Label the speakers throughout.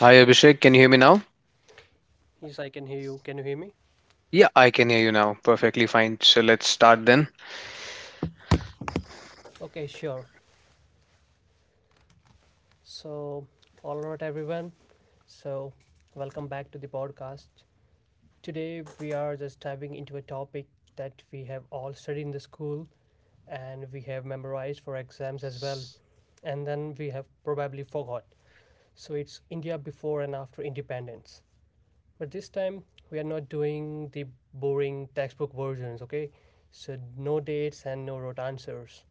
Speaker 1: Hi Abhishek, can you hear me now?
Speaker 2: Yes, I can hear you. Can you hear me?
Speaker 1: Yeah, I can hear you now. Perfectly fine. So let's start then.
Speaker 2: Okay, sure. So, all right, everyone. So, welcome back to the podcast. Today, we are just diving into a topic that we have all studied in the school, and we have memorized for exams as well. And then we have probably forgot. So it's India before and after independence. But this time we are not doing the boring textbook versions, okay? So no dates and no rote answers.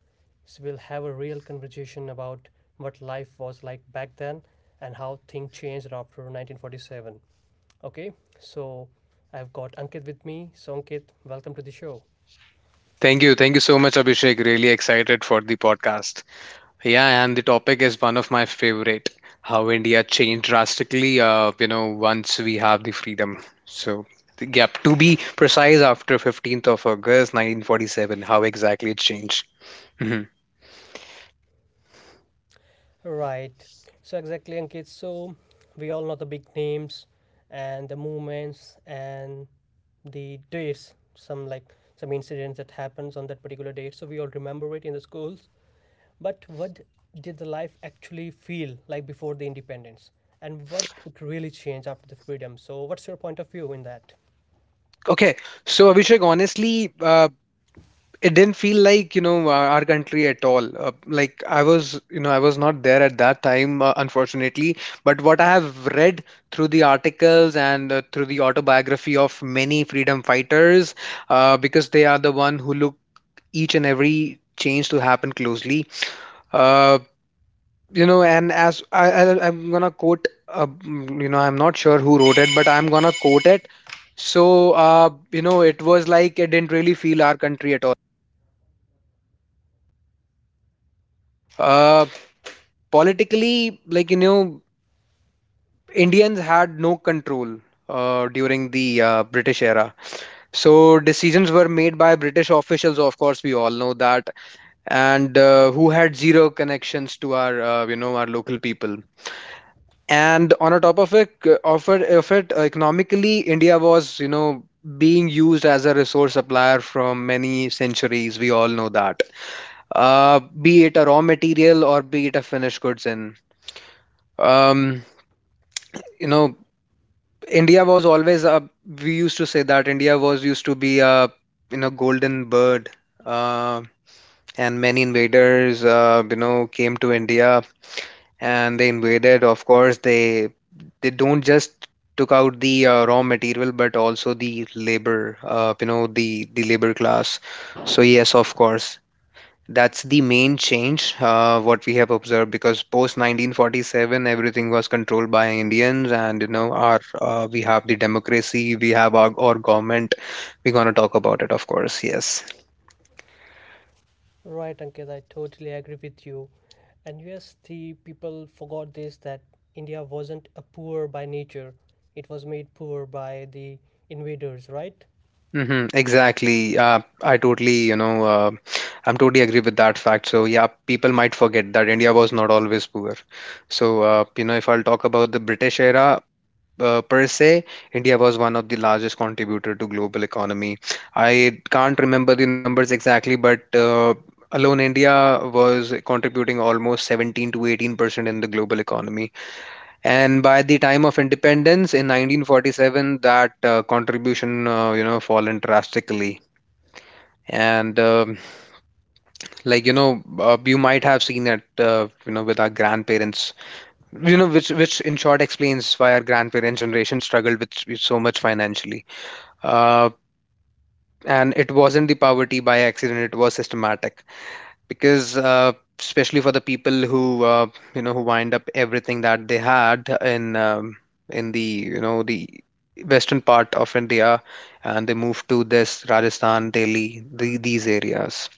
Speaker 2: So we'll have a real conversation about what life was like back then and how things changed after 1947. Okay? So I've got Ankit with me. So Ankit, welcome to the show.
Speaker 1: Thank you. Thank you so much, Abhishek. Really excited for the podcast. Yeah, and the topic is one of my favorite how India changed drastically, you know, once we have the freedom. So, to be precise, after 15th of August 1947, how exactly it changed. Mhm.
Speaker 2: Right. So exactly, Ankit. So we all know the big names and the movements and the dates. Some incidents that happens on that particular date. So we all remember it in the schools. But what did the life actually feel like before the independence, and what it really changed after the freedom? So what's your point of view in that?
Speaker 1: Okay, so Abhishek, honestly, it didn't feel like you know our country at all, like I was you know I was not there at that time, unfortunately, but what I have read through the articles and, through the autobiography of many freedom fighters, because they are the one who look each and every change to happen closely. uh, you know, and as I I'm gonna quote you know I'm not sure who wrote it but I'm gonna quote it. So, you know it was like it didn't really feel our country at all. Uh, Politically, like you know, Indians had no control during the British era. So decisions were made by British officials. Of course, we all know that, and who had zero connections to our, you know, our local people. And on a top of it, economically, India was, you know, being used as a resource supplier from many centuries. We all know that. Be it a raw material or be it a finished goods in. Um, you know, India was always a, we used to say that India was used to be a, you know, golden bird, uh, and many invaders, you know, came to India and they invaded. Of course, they don't just took out the raw material but also the labor, you know, the labor class. So yes, of course, that's the main change, what we have observed, because post 1947 everything was controlled by Indians, and you know our, we have the democracy, we have our government. We're gonna talk about it, of course. Yes.
Speaker 2: Right, Ankit, I totally agree with you. And yes, the people forgot this that India wasn't a poor by nature. It was made poor by the invaders, right?
Speaker 1: Hmm, exactly. I totally you know, I'm totally agree with that fact. So yeah, people might forget that India was not always poor. So you know, if I'll talk about the British era, per se, India was one of the largest contributor to global economy. I can't remember the numbers exactly, but alone India was contributing almost 17 to 18% in the global economy. And by the time of independence in 1947, that contribution, you know, fallen drastically. And like you know, you might have seen it, you know, with our grandparents, you know, which in short explains why our grandparents' generation struggled with so much financially. uh, and it wasn't the poverty by accident, it was systematic, because especially for the people who you know who wind up everything that they had in the you know the western part of India, and they moved to this Rajasthan, Delhi, these areas.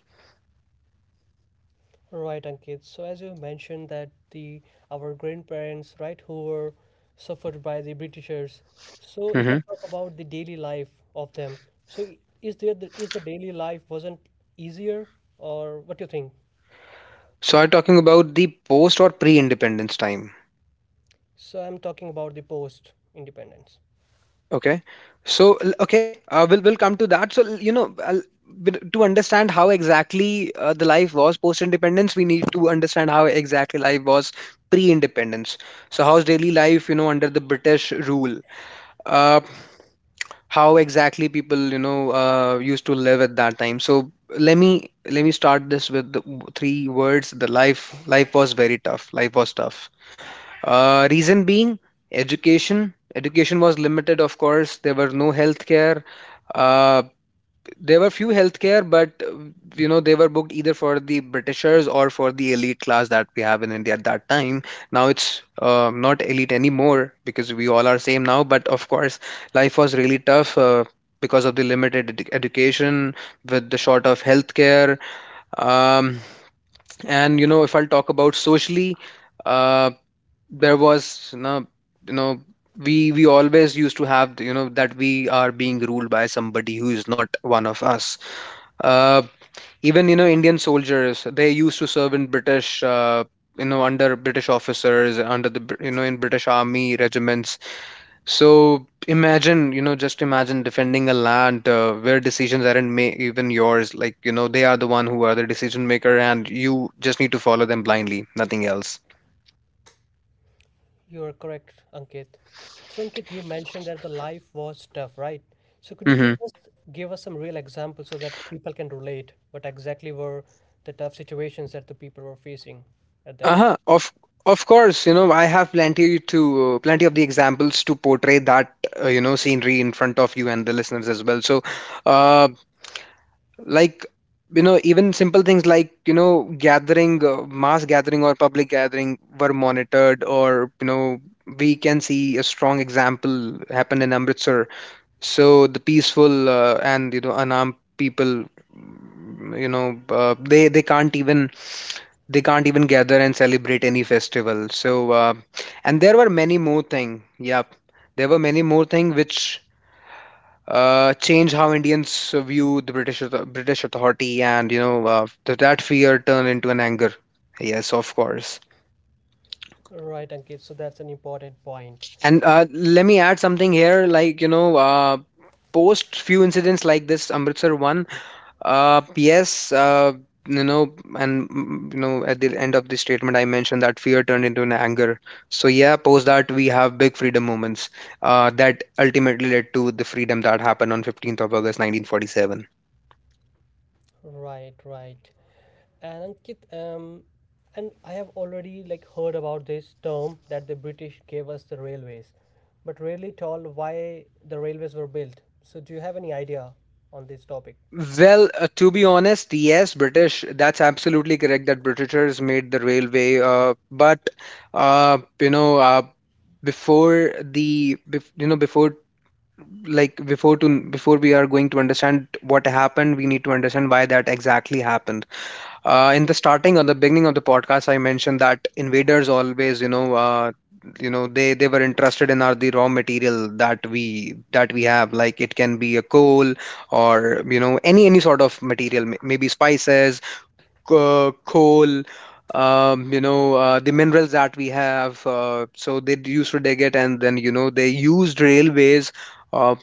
Speaker 2: Right, Ankit. So as you mentioned that the our grandparents, right, who were suffered by the Britishers. So if I
Speaker 1: Hmm.
Speaker 2: talk about the daily life of them, so is the daily life wasn't easier, or what do you think?
Speaker 1: So are you talking about the post or pre-independence time?
Speaker 2: So I'm talking about the post independence.
Speaker 1: Okay. So, we'll come to that. So, you know, I'll, to understand how exactly the life was post-independence, we need to understand how exactly life was pre-independence. So, how's daily life, you know, under the British rule? Uh, how exactly people, you know, used to live at that time. So, let me let me start this with the three words. The life life was very tough. Life was tough. Reason being education. Education was limited, of course. There were no healthcare. Uh, there were few healthcare, but you know they were booked either for the Britishers or for the elite class that we have in India at that time. Now it's not elite anymore because we all are same now. But of course, life was really tough. Because of the limited education, with the short of healthcare, um, and you know if I'll talk about socially, uh, there was you know, you know, we always used to have you know that we are being ruled by somebody who is not one of us. uh, Even you know indian soldiers they used to serve in british, you know under british officers, you know in british army regiments. So imagine you know just imagine defending a land where decisions aren't even yours, like you know they are the one who are the decision maker and you just need to follow them blindly, nothing else.
Speaker 2: You are correct, Ankit. So, Ankit, you mentioned that the life was tough, right? So could you
Speaker 1: Mm-hmm.
Speaker 2: please just give us some real examples so that people can relate what exactly were the tough situations that the people were facing at that time?
Speaker 1: Uh-huh. Of course, you know, I have plenty to plenty of the examples to portray that you know scenery in front of you and the listeners as well. So, uh, like you know, even simple things like you know gathering, mass gathering or public gathering were monitored, or you know, we can see a strong example happen in Amritsar. So the peaceful and you know unarmed people, you know, they can't even, gather and celebrate any festival. So and there were many more thing, yep, there were many more thing which change how Indians view the British authority, and you know that fear turned into an anger. Yes, of course.
Speaker 2: Right, Ankit. So that's an important point.
Speaker 1: And let me add something here, like you know, post few incidents like this Amritsar one. Yes, you know, and you know, at the end of the statement, I mentioned that fear turned into an anger. So yeah, post that we have big freedom moments that ultimately led to the freedom that happened on 15th of August, 1947.
Speaker 2: Right, right. And Ankit, and I have already like heard about this term that the British gave us the railways, but really told why the railways were built. So do you have any idea on this topic?
Speaker 1: Well, to be honest, yes, British. That's absolutely correct that Britishers made the railway. But you know, before the, bef you know, before, like before to before we are going to understand what happened we need to understand why that exactly happened. In the starting or the beginning of the podcast I mentioned that invaders always you know, you know they were interested in our the raw material that we have, like it can be a coal or you know any sort of material, maybe spices, coal, you know the minerals that we have. So they used to dig it and then you know they used railways uh,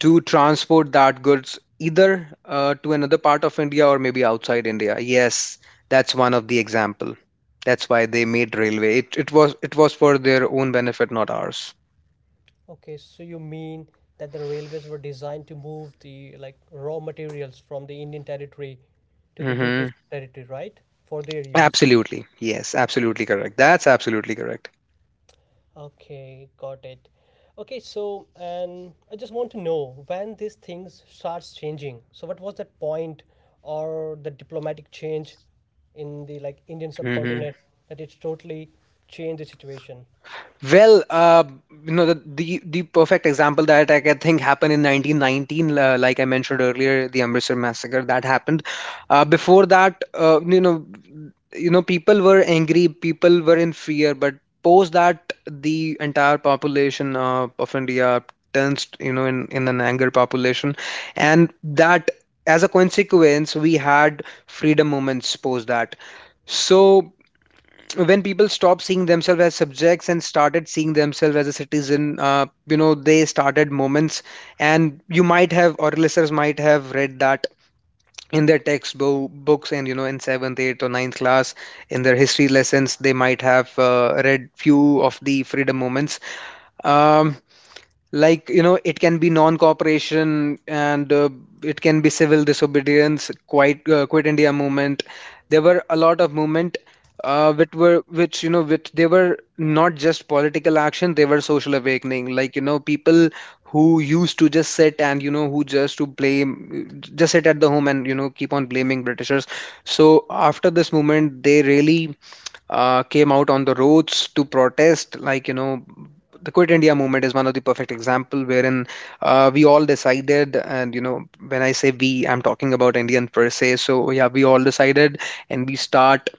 Speaker 1: to transport that goods, either to another part of India or maybe outside India. Yes, that's one of the example. That's why they made railway. It was for their own benefit, not ours.
Speaker 2: Okay, so you mean that the railways were designed to move the like raw materials from the Indian territory to the British
Speaker 1: Hmm.
Speaker 2: territory, right? For their use.
Speaker 1: Absolutely. Yes, absolutely correct. That's absolutely correct.
Speaker 2: Okay, got it. Okay, so and I just want to know when these things starts changing. So what was that point or the diplomatic change in the like Indian
Speaker 1: Hmm.
Speaker 2: subcontinent that it's totally changed the situation?
Speaker 1: Well, you know, the perfect example that I can think happened in 1919, like I mentioned earlier, the Amritsar massacre that happened. Before that, you know, people were angry, people were in fear, but post that, the entire population of India turns, you know, in an anger population, and that, as a consequence, we had freedom movements post that. So when people stopped seeing themselves as subjects and started seeing themselves as a citizen, you know, they started moments, and you might have, or listeners might have read that in their textbook books, and you know, in seventh, eighth, or ninth class, in their history lessons, they might have read few of the freedom moments. Um, like you know it can be non-cooperation and it can be civil disobedience, quit india movement. There were a lot of movement which were which you know which they were not just political action, they were social awakening, like you know people who used to just sit and you know who just to blame just sit at the home and you know keep on blaming britishers. So after this movement they really came out on the roads to protest. Like, you know, the Quit India movement is one of the perfect example, wherein we all decided, and you know, when I say we, I'm talking about Indian per se. So yeah, we all decided, and we start,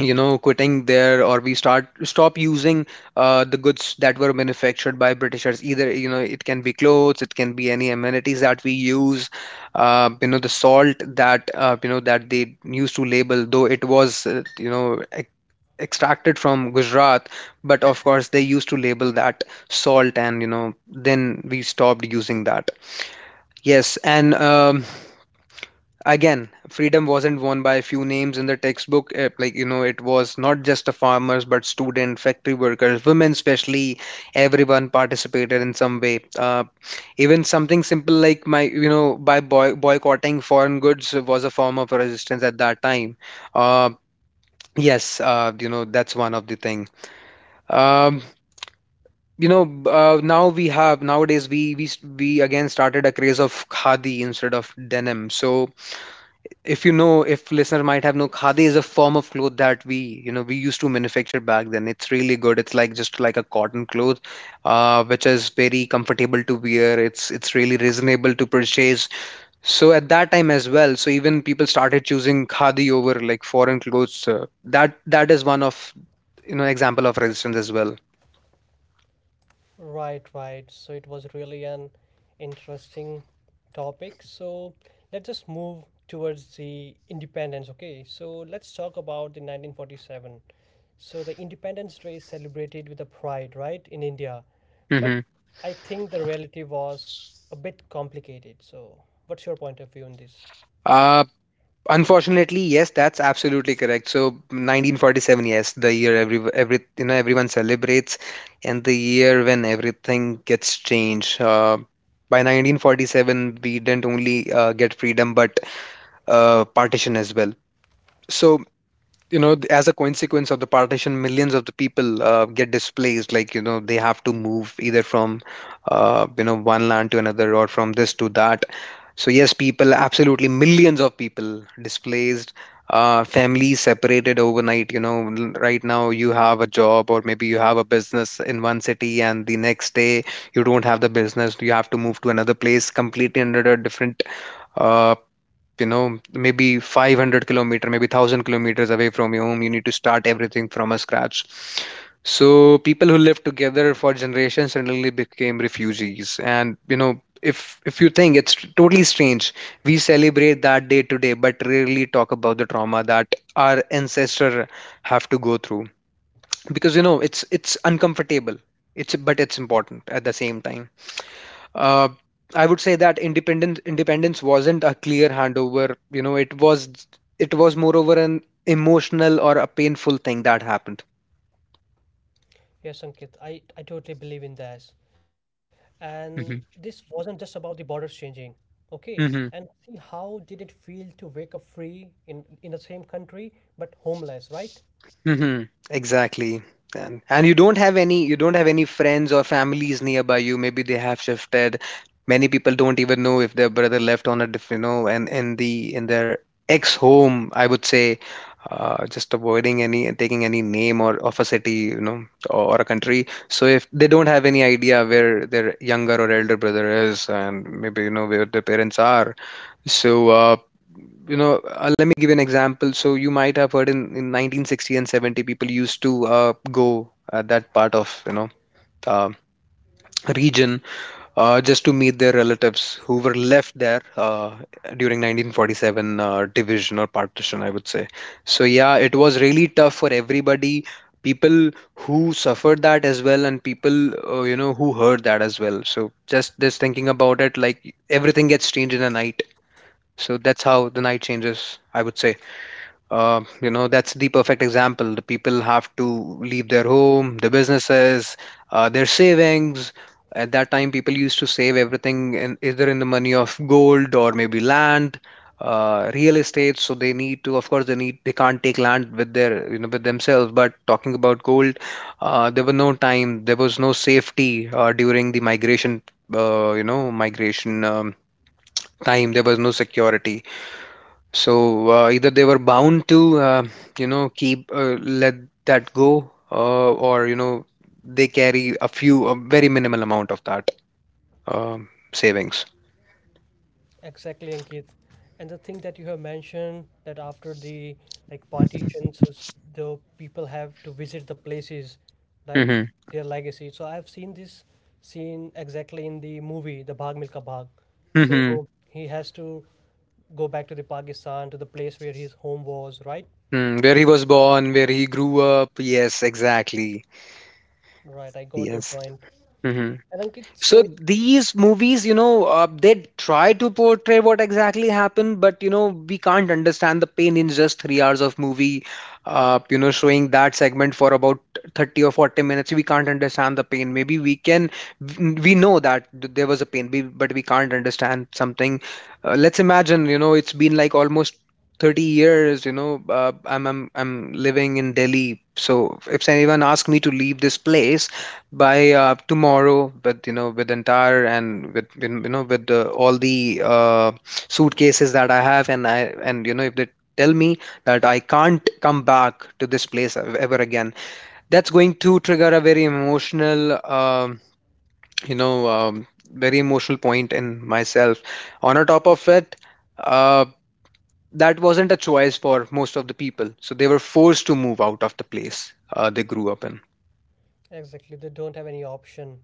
Speaker 1: you know, quitting there, or we start stop using the goods that were manufactured by Britishers. Either you know, it can be clothes, it can be any amenities that we use. You know the salt that you know that they used to label, though it was you know extracted from Gujarat, but of course they used to label that salt, and you know, then we stopped using that. Yes, and again, freedom wasn't won by a few names in the textbook. It was not just the farmers, but student, factory workers, women especially, everyone participated in some way. Even something simple like my, you know, by boy boycotting foreign goods was a form of resistance at that time. Uh, that's one of the thing. Um, Nowadays we again started a craze of khadi instead of denim. So if you know, if listener might have know, khadi is a form of cloth that we you know we used to manufacture back then. It's really good, it's like just like a cotton cloth, which is very comfortable to wear. It's really reasonable to purchase so at that time as well. So even people started choosing khadi over like foreign clothes. That is one of example of resistance as well.
Speaker 2: Right, right. So it was really an interesting topic. So let's just move towards the independence. Okay, so let's talk about the 1947. So the Independence Day is celebrated with a pride, right, in India. But
Speaker 1: Hmm.
Speaker 2: I think the reality was a bit complicated. So what's your point of view on this?
Speaker 1: Unfortunately, yes, that's absolutely correct. So 1947, yes, the year everyone celebrates, and the year when everything gets changed. By 1947, we didn't only get freedom, but partition as well. So as a consequence of the partition, millions of the people get displaced. They have to move either from one land to another, or from this to that. So yes, people, absolutely millions of people displaced, families separated overnight. Right now you have a job, or maybe you have a business in one city, and the next day you don't have the business. You have to move to another place, completely under a different uh, maybe 500 kilometer, maybe 1000 kilometers away from your home. You need to start everything from a scratch. So people who lived together for generations suddenly became refugees. And you know if if you think, it's totally strange. We celebrate that day today, but rarely talk about the trauma that our ancestor have to go through, because you know, it's uncomfortable. It's but it's important at the same time. uh, I would say that independence wasn't a clear handover. You know, it was moreover an emotional or a painful thing that happened.
Speaker 2: Yes, Ankit, I totally believe in this. And this wasn't just about the borders changing, okay? And
Speaker 1: Hmm.
Speaker 2: see how did it feel to wake up free in the same country but homeless, right?
Speaker 1: Mhm. Exactly. And you don't have any, you don't have any friends or families nearby you. Maybe they have shifted. Many people don't even know if their brother left on a different, you know, and in their ex home, I would say, just avoiding any taking any name or of a city, you know, or a country. So if they don't have any idea where their younger or elder brother is, and maybe you know where their parents are, so, uh, let me give you an example. So, you might have heard in 1960 and 70, people used to go at that part of, you know, uh, region, just to meet their relatives who were left there during 1947 division or partition, I would say. So, yeah, it was really tough for everybody. People who suffered that as well, and people, who heard that as well. So, just thinking about it, like everything gets changed in a night. So that's how the night changes, I would say. That's the perfect example. The people have to leave their home, their businesses, their savings. At that time, people used to save everything in, either in the money of gold or maybe land, real estate. So they need to, of course, they can't take land with their you know with themselves. But talking about gold, there was no time, there was no safety during the migration, uh, you know, migration um, time. There was no security, so either they were bound to, keep, let that go, or you know, they carry a few, a very minimal amount of that um, savings.
Speaker 2: Exactly, Ankit. And the thing that you have mentioned that after the like partition, the people have to visit the places, like
Speaker 1: Mm-hmm.
Speaker 2: their legacy. So I have seen this scene exactly in the movie, the Bhag Milka Bhag.
Speaker 1: Mm-hmm.
Speaker 2: So he has to go back to the Pakistan to the place where his home was, right?
Speaker 1: Mm, where he was born, where he grew up. Yes, exactly.
Speaker 2: Right, I got your
Speaker 1: Yes.
Speaker 2: point. And Ankit,
Speaker 1: So these movies, you know, they try to portray what exactly happened, but you know, we can't understand the pain in just 3 hours of movie. Showing that segment for about 30 or 40 minutes, we can't understand the pain. Maybe we can, we know that there was a pain, but we can't understand something. Let's imagine, you know, it's been like almost 30 years, you know, I'm living in Delhi. So if anyone asks me to leave this place, by tomorrow with entire, and with you know with the, all the suitcases that I have, and I and you know if they tell me that I can't come back to this place ever again, that's going to trigger a very emotional very emotional point in myself. On a top of it, uh, that wasn't a choice for most of the people, so they were forced to move out of the place they grew up in.
Speaker 2: exactly, they don't have any option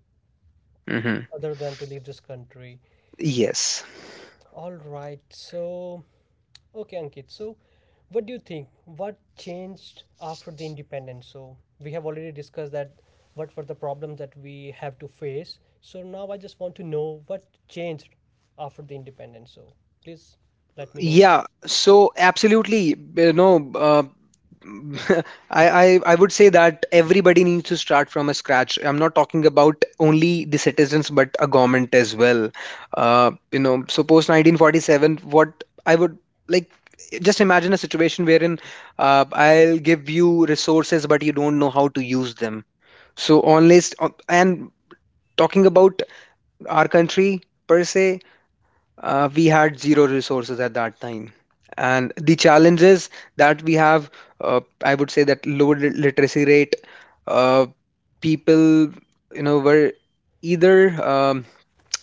Speaker 1: Hmm.
Speaker 2: other than to leave this country.
Speaker 1: Yes.
Speaker 2: All right, so okay, Ankit. So what do you think? What changed after the independence? So we have already discussed that what were the problems that we have to face. So now I just want to know what changed after the independence. So please let me know.
Speaker 1: Yeah, so absolutely, I would say that everybody needs to start from a scratch. I'm not talking about only the citizens, but a government as well. So post 1947, what I would like, just imagine a situation wherein I'll give you resources, but you don't know how to use them. So, unless, and talking about our country per se, we had zero resources at that time, and the challenges that we have, I would say that low literacy rate. uh, People, you know, were either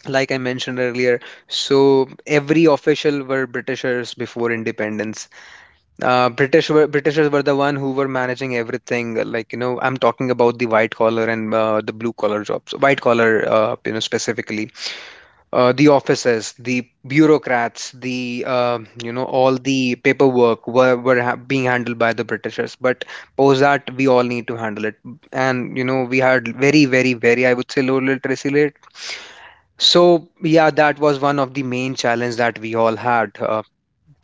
Speaker 1: like I mentioned earlier, so every official were britishers before independence. Britishers were the one who were managing everything, like you know, I'm talking about the white collar, and the blue collar jobs. White collar, specifically, the offices, the bureaucrats, the all the paperwork were being handled by the Britishers. But post that, we all need to handle it, and you know we had very, very, very, I would say, low literacy rate. So yeah, that was one of the main challenge that we all had.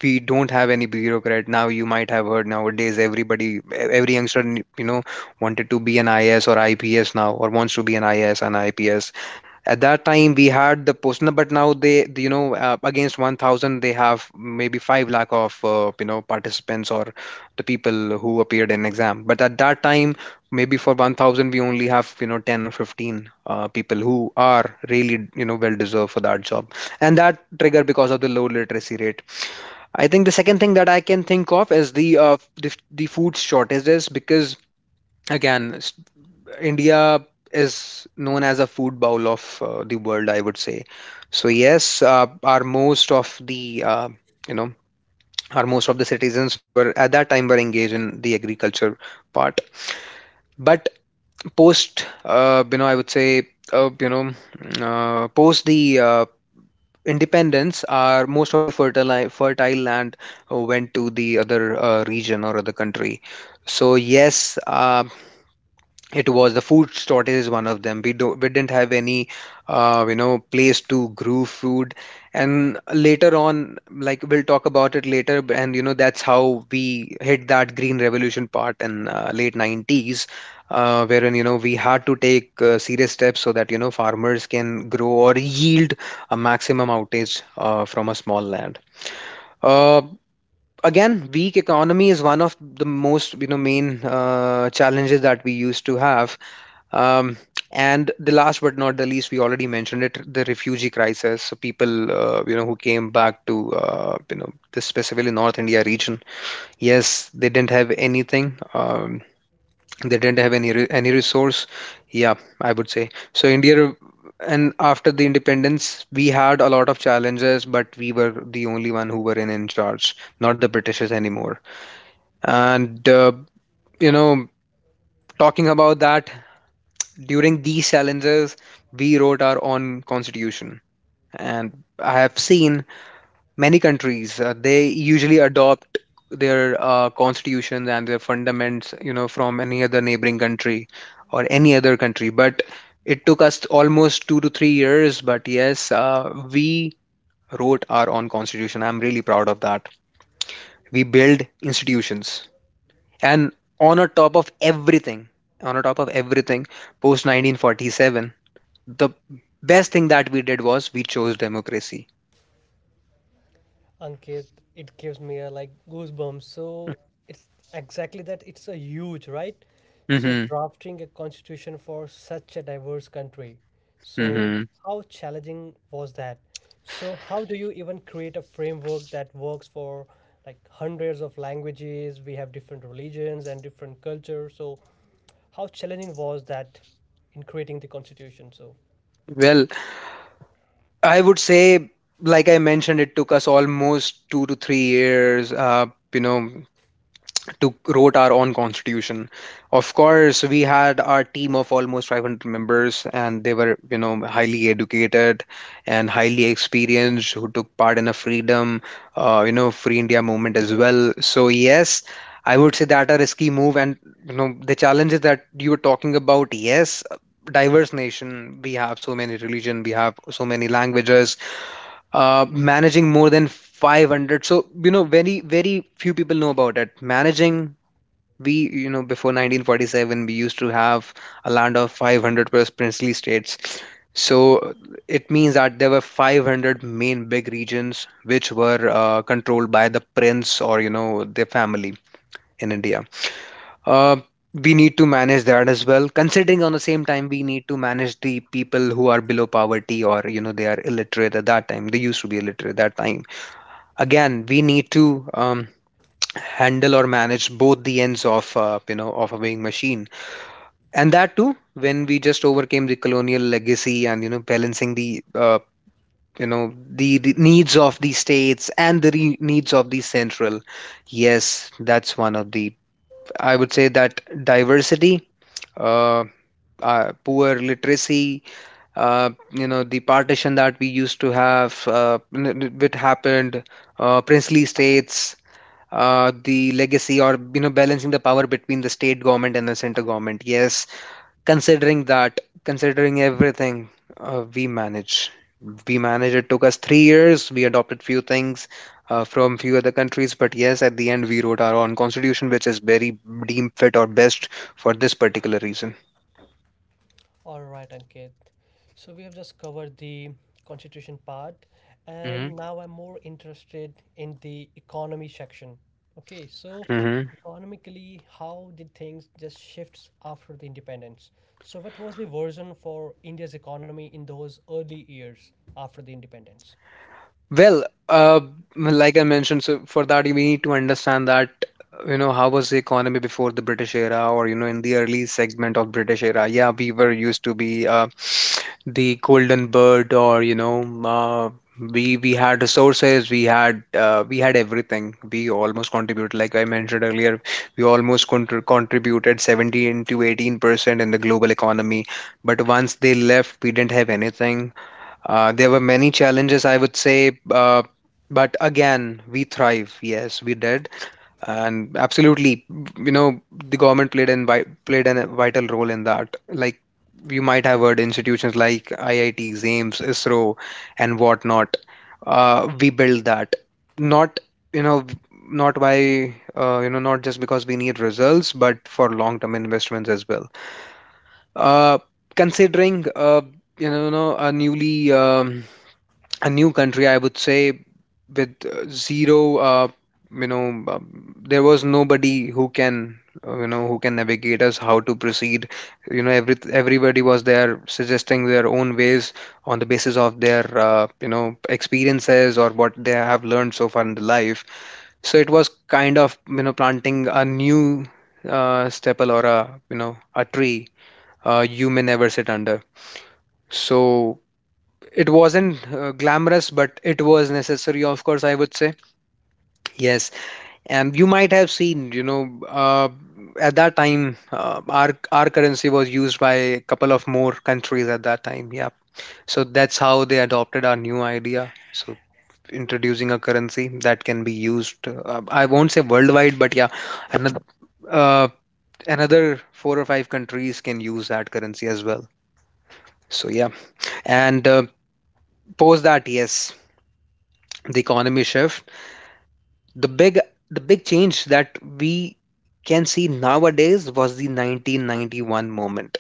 Speaker 1: We don't have any bureaucrat now. You might have heard nowadays everybody, every youngster, you know, wanted to be an IAS or IPS now, or wants to be an IAS and IPS. At that time we had the Posna, but now they, you know, against 1,000 they have maybe 5 lakh of, participants or the people who appeared in exam. But at that time, maybe for 1,000 we only have, you know, 10 or 15 people who are really, you know, well deserved for that job, and that triggered because of the low literacy rate. I think the second thing that I can think of is the food shortages, because again, India is known as a food bowl of the world, I would say. So yes, you know our most of the citizens were at that time were engaged in the agriculture part. But post you know I would say you know post the independence, our most of the fertile land went to the other region or other country. So yes, it was the food shortage is one of them. We didn't have any place to grow food, and later on, like we'll talk about it later, b- and you know that's how we hit that green revolution part in late 90s, wherein you know we had to take serious steps, so that you know farmers can grow or yield a maximum outage from a small land. uh, Again, weak economy is one of the most, you know, main challenges that we used to have. um, and the last but not the least, we already mentioned it, the refugee crisis. So people, who came back to, this specifically North India region. Yes, they didn't have anything. They didn't have any resource. Yeah, I would say. So India, and after the independence, we had a lot of challenges, but we were the only one who were in charge, not the Britishes anymore. And you know, talking about that, during these challenges, we wrote our own constitution. And I have seen many countries, they usually adopt their constitutions and their fundaments, you know, from any other neighboring country or any other country. But it took us almost 2 to 3 years. But yes, we wrote our own constitution. I'm really proud of that. We build institutions. And on a top of everything, on a top of everything, post 1947, the best thing that we did was we chose democracy.
Speaker 2: Ankit, it gives me a like goosebumps. So it's exactly that. It's a huge, right? So
Speaker 1: Hmm.
Speaker 2: drafting a constitution for such a diverse country. So
Speaker 1: Hmm.
Speaker 2: how challenging was that? So how do you even create a framework that works for like hundreds of languages? We have different religions and different cultures. So how challenging was that in creating the constitution? So
Speaker 1: Well, I would say, like I mentioned, it took us almost 2 to 3 years. You know, to wrote our own constitution. Of course, we had our team of almost 500 members, and they were, you know, highly educated and highly experienced who took part in a freedom, you know, free India movement as well. So yes, I would say that a risky move, and you know, the challenges that you were talking about. Yes, diverse nation. We have so many religion. We have so many languages, managing more than 500. So you know, very very few people know about it. Managing, we you know, before 1947 we used to have a land of 500 plus princely states. So it means that there were 500 main big regions which were controlled by the prince or you know their family in India. uh, we need to manage that as well, considering on the same time we need to manage the people who are below poverty, or you know they are illiterate at that time. They used to be illiterate at that time. Again, we need to handle or manage both the ends of you know, of a weighing machine. And that too when we just overcame the colonial legacy and you know, balancing the you know, the needs of the states and the needs of the central. Yes, that's one of the, I would say, that diversity, uh, poor literacy, you know, the partition that we used to have, which happened, princely states, the legacy, or you know, balancing the power between the state government and the center government. Yes. Considering that, considering everything, we manage. We manage. It took us 3 years. We adopted few things from few other countries, but yes, at the end, we wrote our own constitution, which is very deemed fit or best for this particular reason.
Speaker 2: all right, Ankit. So we have just covered the constitution part,
Speaker 1: Mhm.
Speaker 2: and now I'm more interested in the economy section. Okay, so
Speaker 1: Hmm.
Speaker 2: economically, how did things just shifts after the independence? So what was the version for India's economy in those early years after the independence?
Speaker 1: Well, like I mentioned, so for that we need to understand that you know, how was the economy before the British era, or you know, in the early segment of British era. Yeah, we were used to be the golden bird, or you know, we had resources, we had, we had everything. We almost contributed, like I mentioned earlier, we almost contributed 17 to 18% in the global economy. But once they left, we didn't have anything. There were many challenges, I would say, but again, we thrive. Yes, we did, and absolutely, you know, the government played played a vital role in that. Like you might have heard, institutions like IITs, AIIMS, ISRO, and whatnot. We built that, not you know, not just because we need results, but for long term investments as well. Uh, considering you know, a newly a new country, I would say, with zero, you know, there was nobody who can, you know, who can navigate us how to proceed. You know, everybody was there suggesting their own ways on the basis of their, you know, experiences or what they have learned so far in the life. So it was kind of, you know, planting a new staple, or a, you know, a tree you may never sit under. So it wasn't glamorous, but it was necessary, of course, I would say. Yes. And you might have seen, you know, uh, at that time, our currency was used by a couple of more countries at that time. Yeah. So that's how they adopted our new idea. So introducing a currency that can be used, I won't say worldwide, but yeah, another, uh, another four or five countries can use that currency as well. So yeah. And post that, yes, the economy shift, the big the big change that we can see nowadays was the 1991 moment.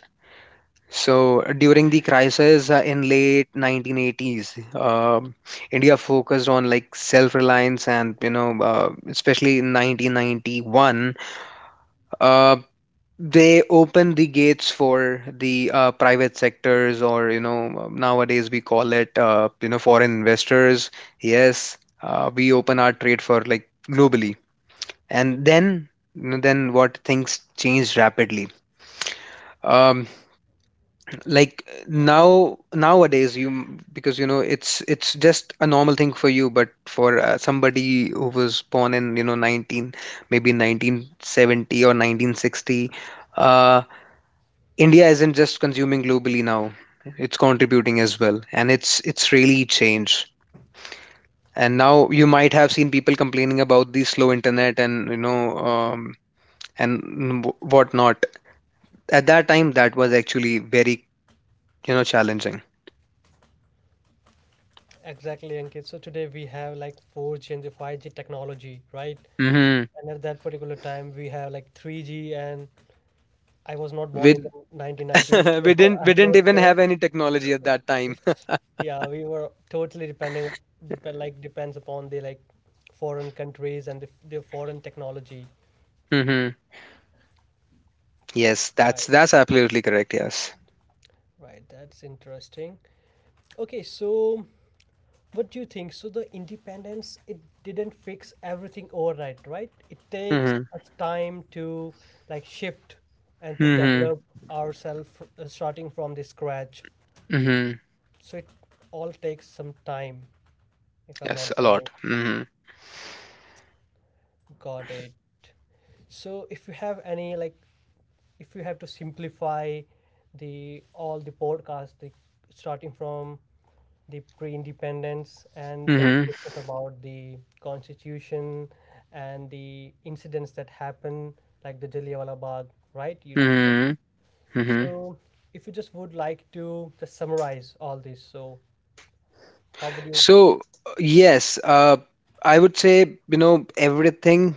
Speaker 1: So during the crisis in late 1980s, India focused on like self-reliance and you know, especially in 1991, uh, they opened the gates for the private sectors, or you know, nowadays we call it, you know, foreign investors. Yes, we open our trade for like globally. And then, what things changed rapidly. um like now, nowadays you, because you know, it's just a normal thing for you, but for somebody who was born in you know 19, maybe 1970 or 1960, uh India isn't just consuming globally now, it's contributing as well, and it's really changed. And now you might have seen people complaining about the slow internet, and you know, and whatnot. At that time, that was actually very, you know, challenging.
Speaker 2: Exactly, Ankit. So today we have like 4G and the 5G technology, right?
Speaker 1: Mm-hmm.
Speaker 2: And at that particular time, we have like 3G, and I was not
Speaker 1: we
Speaker 2: born in the 1990s,
Speaker 1: we
Speaker 2: so
Speaker 1: didn't we
Speaker 2: I'm
Speaker 1: didn't
Speaker 2: not
Speaker 1: even
Speaker 2: sure.
Speaker 1: have any technology at that time.
Speaker 2: Yeah, we were totally depending, depend like depends upon the like foreign countries and the foreign technology.
Speaker 1: Mm-hmm. Yes, that's
Speaker 2: Right,
Speaker 1: that's absolutely correct. Yes.
Speaker 2: right. That's interesting. Okay, so what do you think? So the independence, it didn't fix everything overnight, right? It takes
Speaker 1: Mm-hmm.
Speaker 2: us time to like shift and to
Speaker 1: Mm-hmm.
Speaker 2: develop ourselves, starting from the scratch.
Speaker 1: Mm-hmm.
Speaker 2: So it all takes some time, if I'm
Speaker 1: Yes,
Speaker 2: not
Speaker 1: a
Speaker 2: wrong.
Speaker 1: lot. Hmm.
Speaker 2: Got it. So if you have any like if you have to simplify the all the podcast, the, starting from the pre-independence, and then
Speaker 1: Mm-hmm.
Speaker 2: we discuss about the constitution and the incidents that happen like the Jallianwala Bagh, right? You discuss.
Speaker 1: Mm-hmm. Mm-hmm.
Speaker 2: So if you just would like to just summarize all this, so how would you
Speaker 1: So, yes, I would say, you know, everything,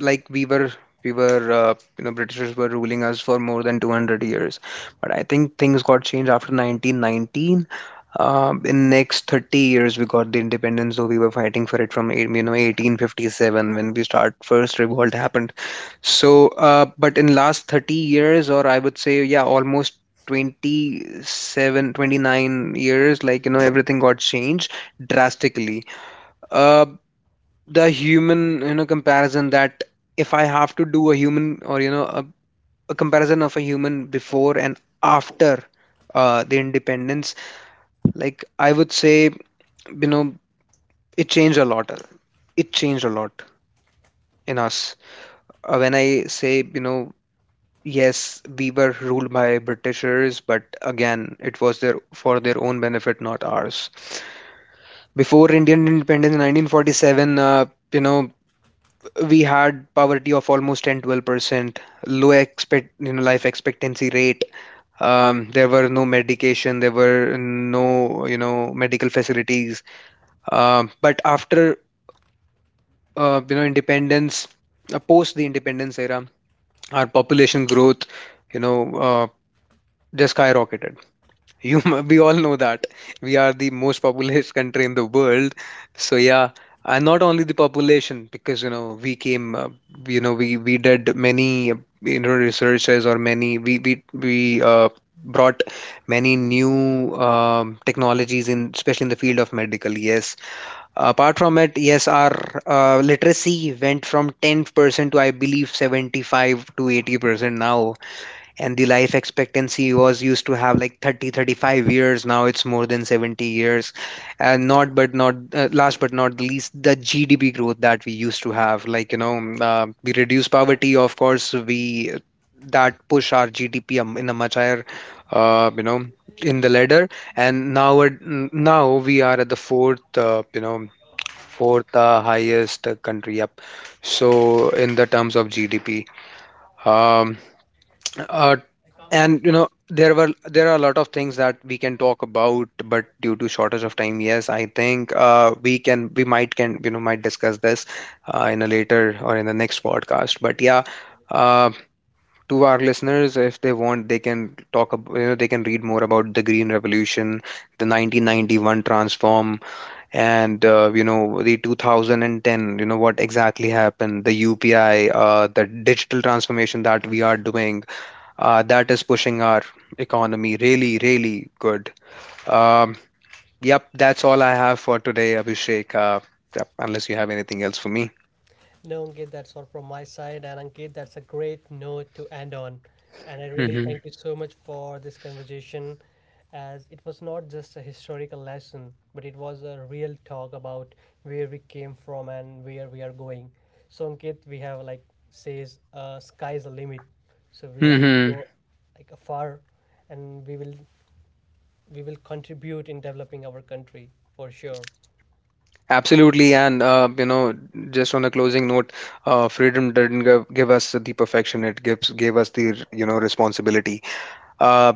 Speaker 1: like we were, we were, you know, Britishers were ruling us for more than 200 years. But I think things got changed after 1990. In next 30 years, we got the independence, though we were fighting for it from, you know, 1857, when we start first revolt happened. So, but in last 30 years, or I would say, yeah, almost 27, 29 years, like, you know, everything got changed drastically. Uh, the human, you know, comparison that if I have to do a human, or, you know, a comparison of a human before and after the independence, like I would say, you know, it changed a lot. It changed a lot in us. When I say, you know, yes, we were ruled by Britishers, but again it was their, for their own benefit, not ours. Before Indian independence in 1947, you know, we had poverty of almost 10, 12%, low expect you know, life expectancy rate. There were no medication, there were no, you know, medical facilities. But after, you know, independence, post the independence era, our population growth, you know, uh, just skyrocketed. You we all know that we are the most populous country in the world. So yeah. And not only the population, because you know we came, you know, we did many, you know, researches, or many we uh, brought many new technologies in, especially in the field of medical. Yes. Apart from it, yes, our literacy went from 10% to, I believe, 75 to 80% now. And the life expectancy was used to have like 30, 35 years. Now it's more than 70 years. And not but not last but not the least, the GDP growth that we used to have. Like, you know, we reduce poverty, of course, we that push our GDP in a much higher, you know, in the ladder. And now, now we are at the fourth, you know, fourth highest country. Up, so in the terms of GDP, um, uh, and you know there were, there are a lot of things that we can talk about, but due to shortage of time, yes, I think we might can, you know, might discuss this in a later, or in the next podcast. But yeah. Uh, to our listeners, if they want, they can talk about, you know, they can read more about the Green Revolution, the 1991 transform, and you know, the 2010, you know, what exactly happened, the UPI, the digital transformation that we are doing, that is pushing our economy really really good. um, yep, that's all I have for today, Abhishek. Yep, unless you have anything else for me.
Speaker 2: No, Ankit, that's all from my side. And Ankit, that's a great note to end on. And I really
Speaker 1: Hmm.
Speaker 2: thank you so much for this conversation, as it was not just a historical lesson, but it was a real talk about where we came from and where we are going. So, Ankit, we have like says, sky's the limit. So we have to
Speaker 1: Hmm.
Speaker 2: go like afar, and we will contribute in developing our country for sure.
Speaker 1: Absolutely, and you know, just on a closing note, freedom didn't give us the perfection; it gives gave us the, you know, responsibility. uh,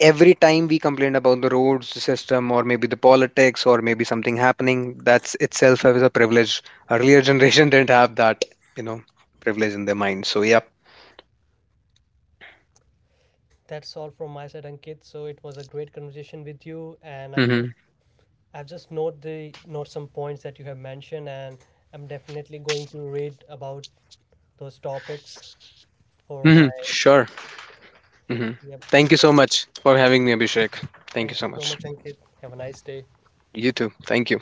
Speaker 1: every time we complain about the roads system, or maybe the politics, or maybe something happening, that's itself as a privilege. Earlier generation didn't have that, you know, privilege in their mind. So yeah.
Speaker 2: That's all from my side, Ankit. So it was a great conversation with you, and I'm so
Speaker 1: Hmm.
Speaker 2: I've just note some points that you have mentioned, and I'm definitely going to read about those topics for my.
Speaker 1: Hmm. Sure. Hmm.
Speaker 2: Yep.
Speaker 1: Thank
Speaker 2: So
Speaker 1: you so much for having me, Abhishek. Thank you
Speaker 2: thank you
Speaker 1: so
Speaker 2: so
Speaker 1: much.
Speaker 2: much, Ankit. Have a nice day.
Speaker 1: You too, thank you.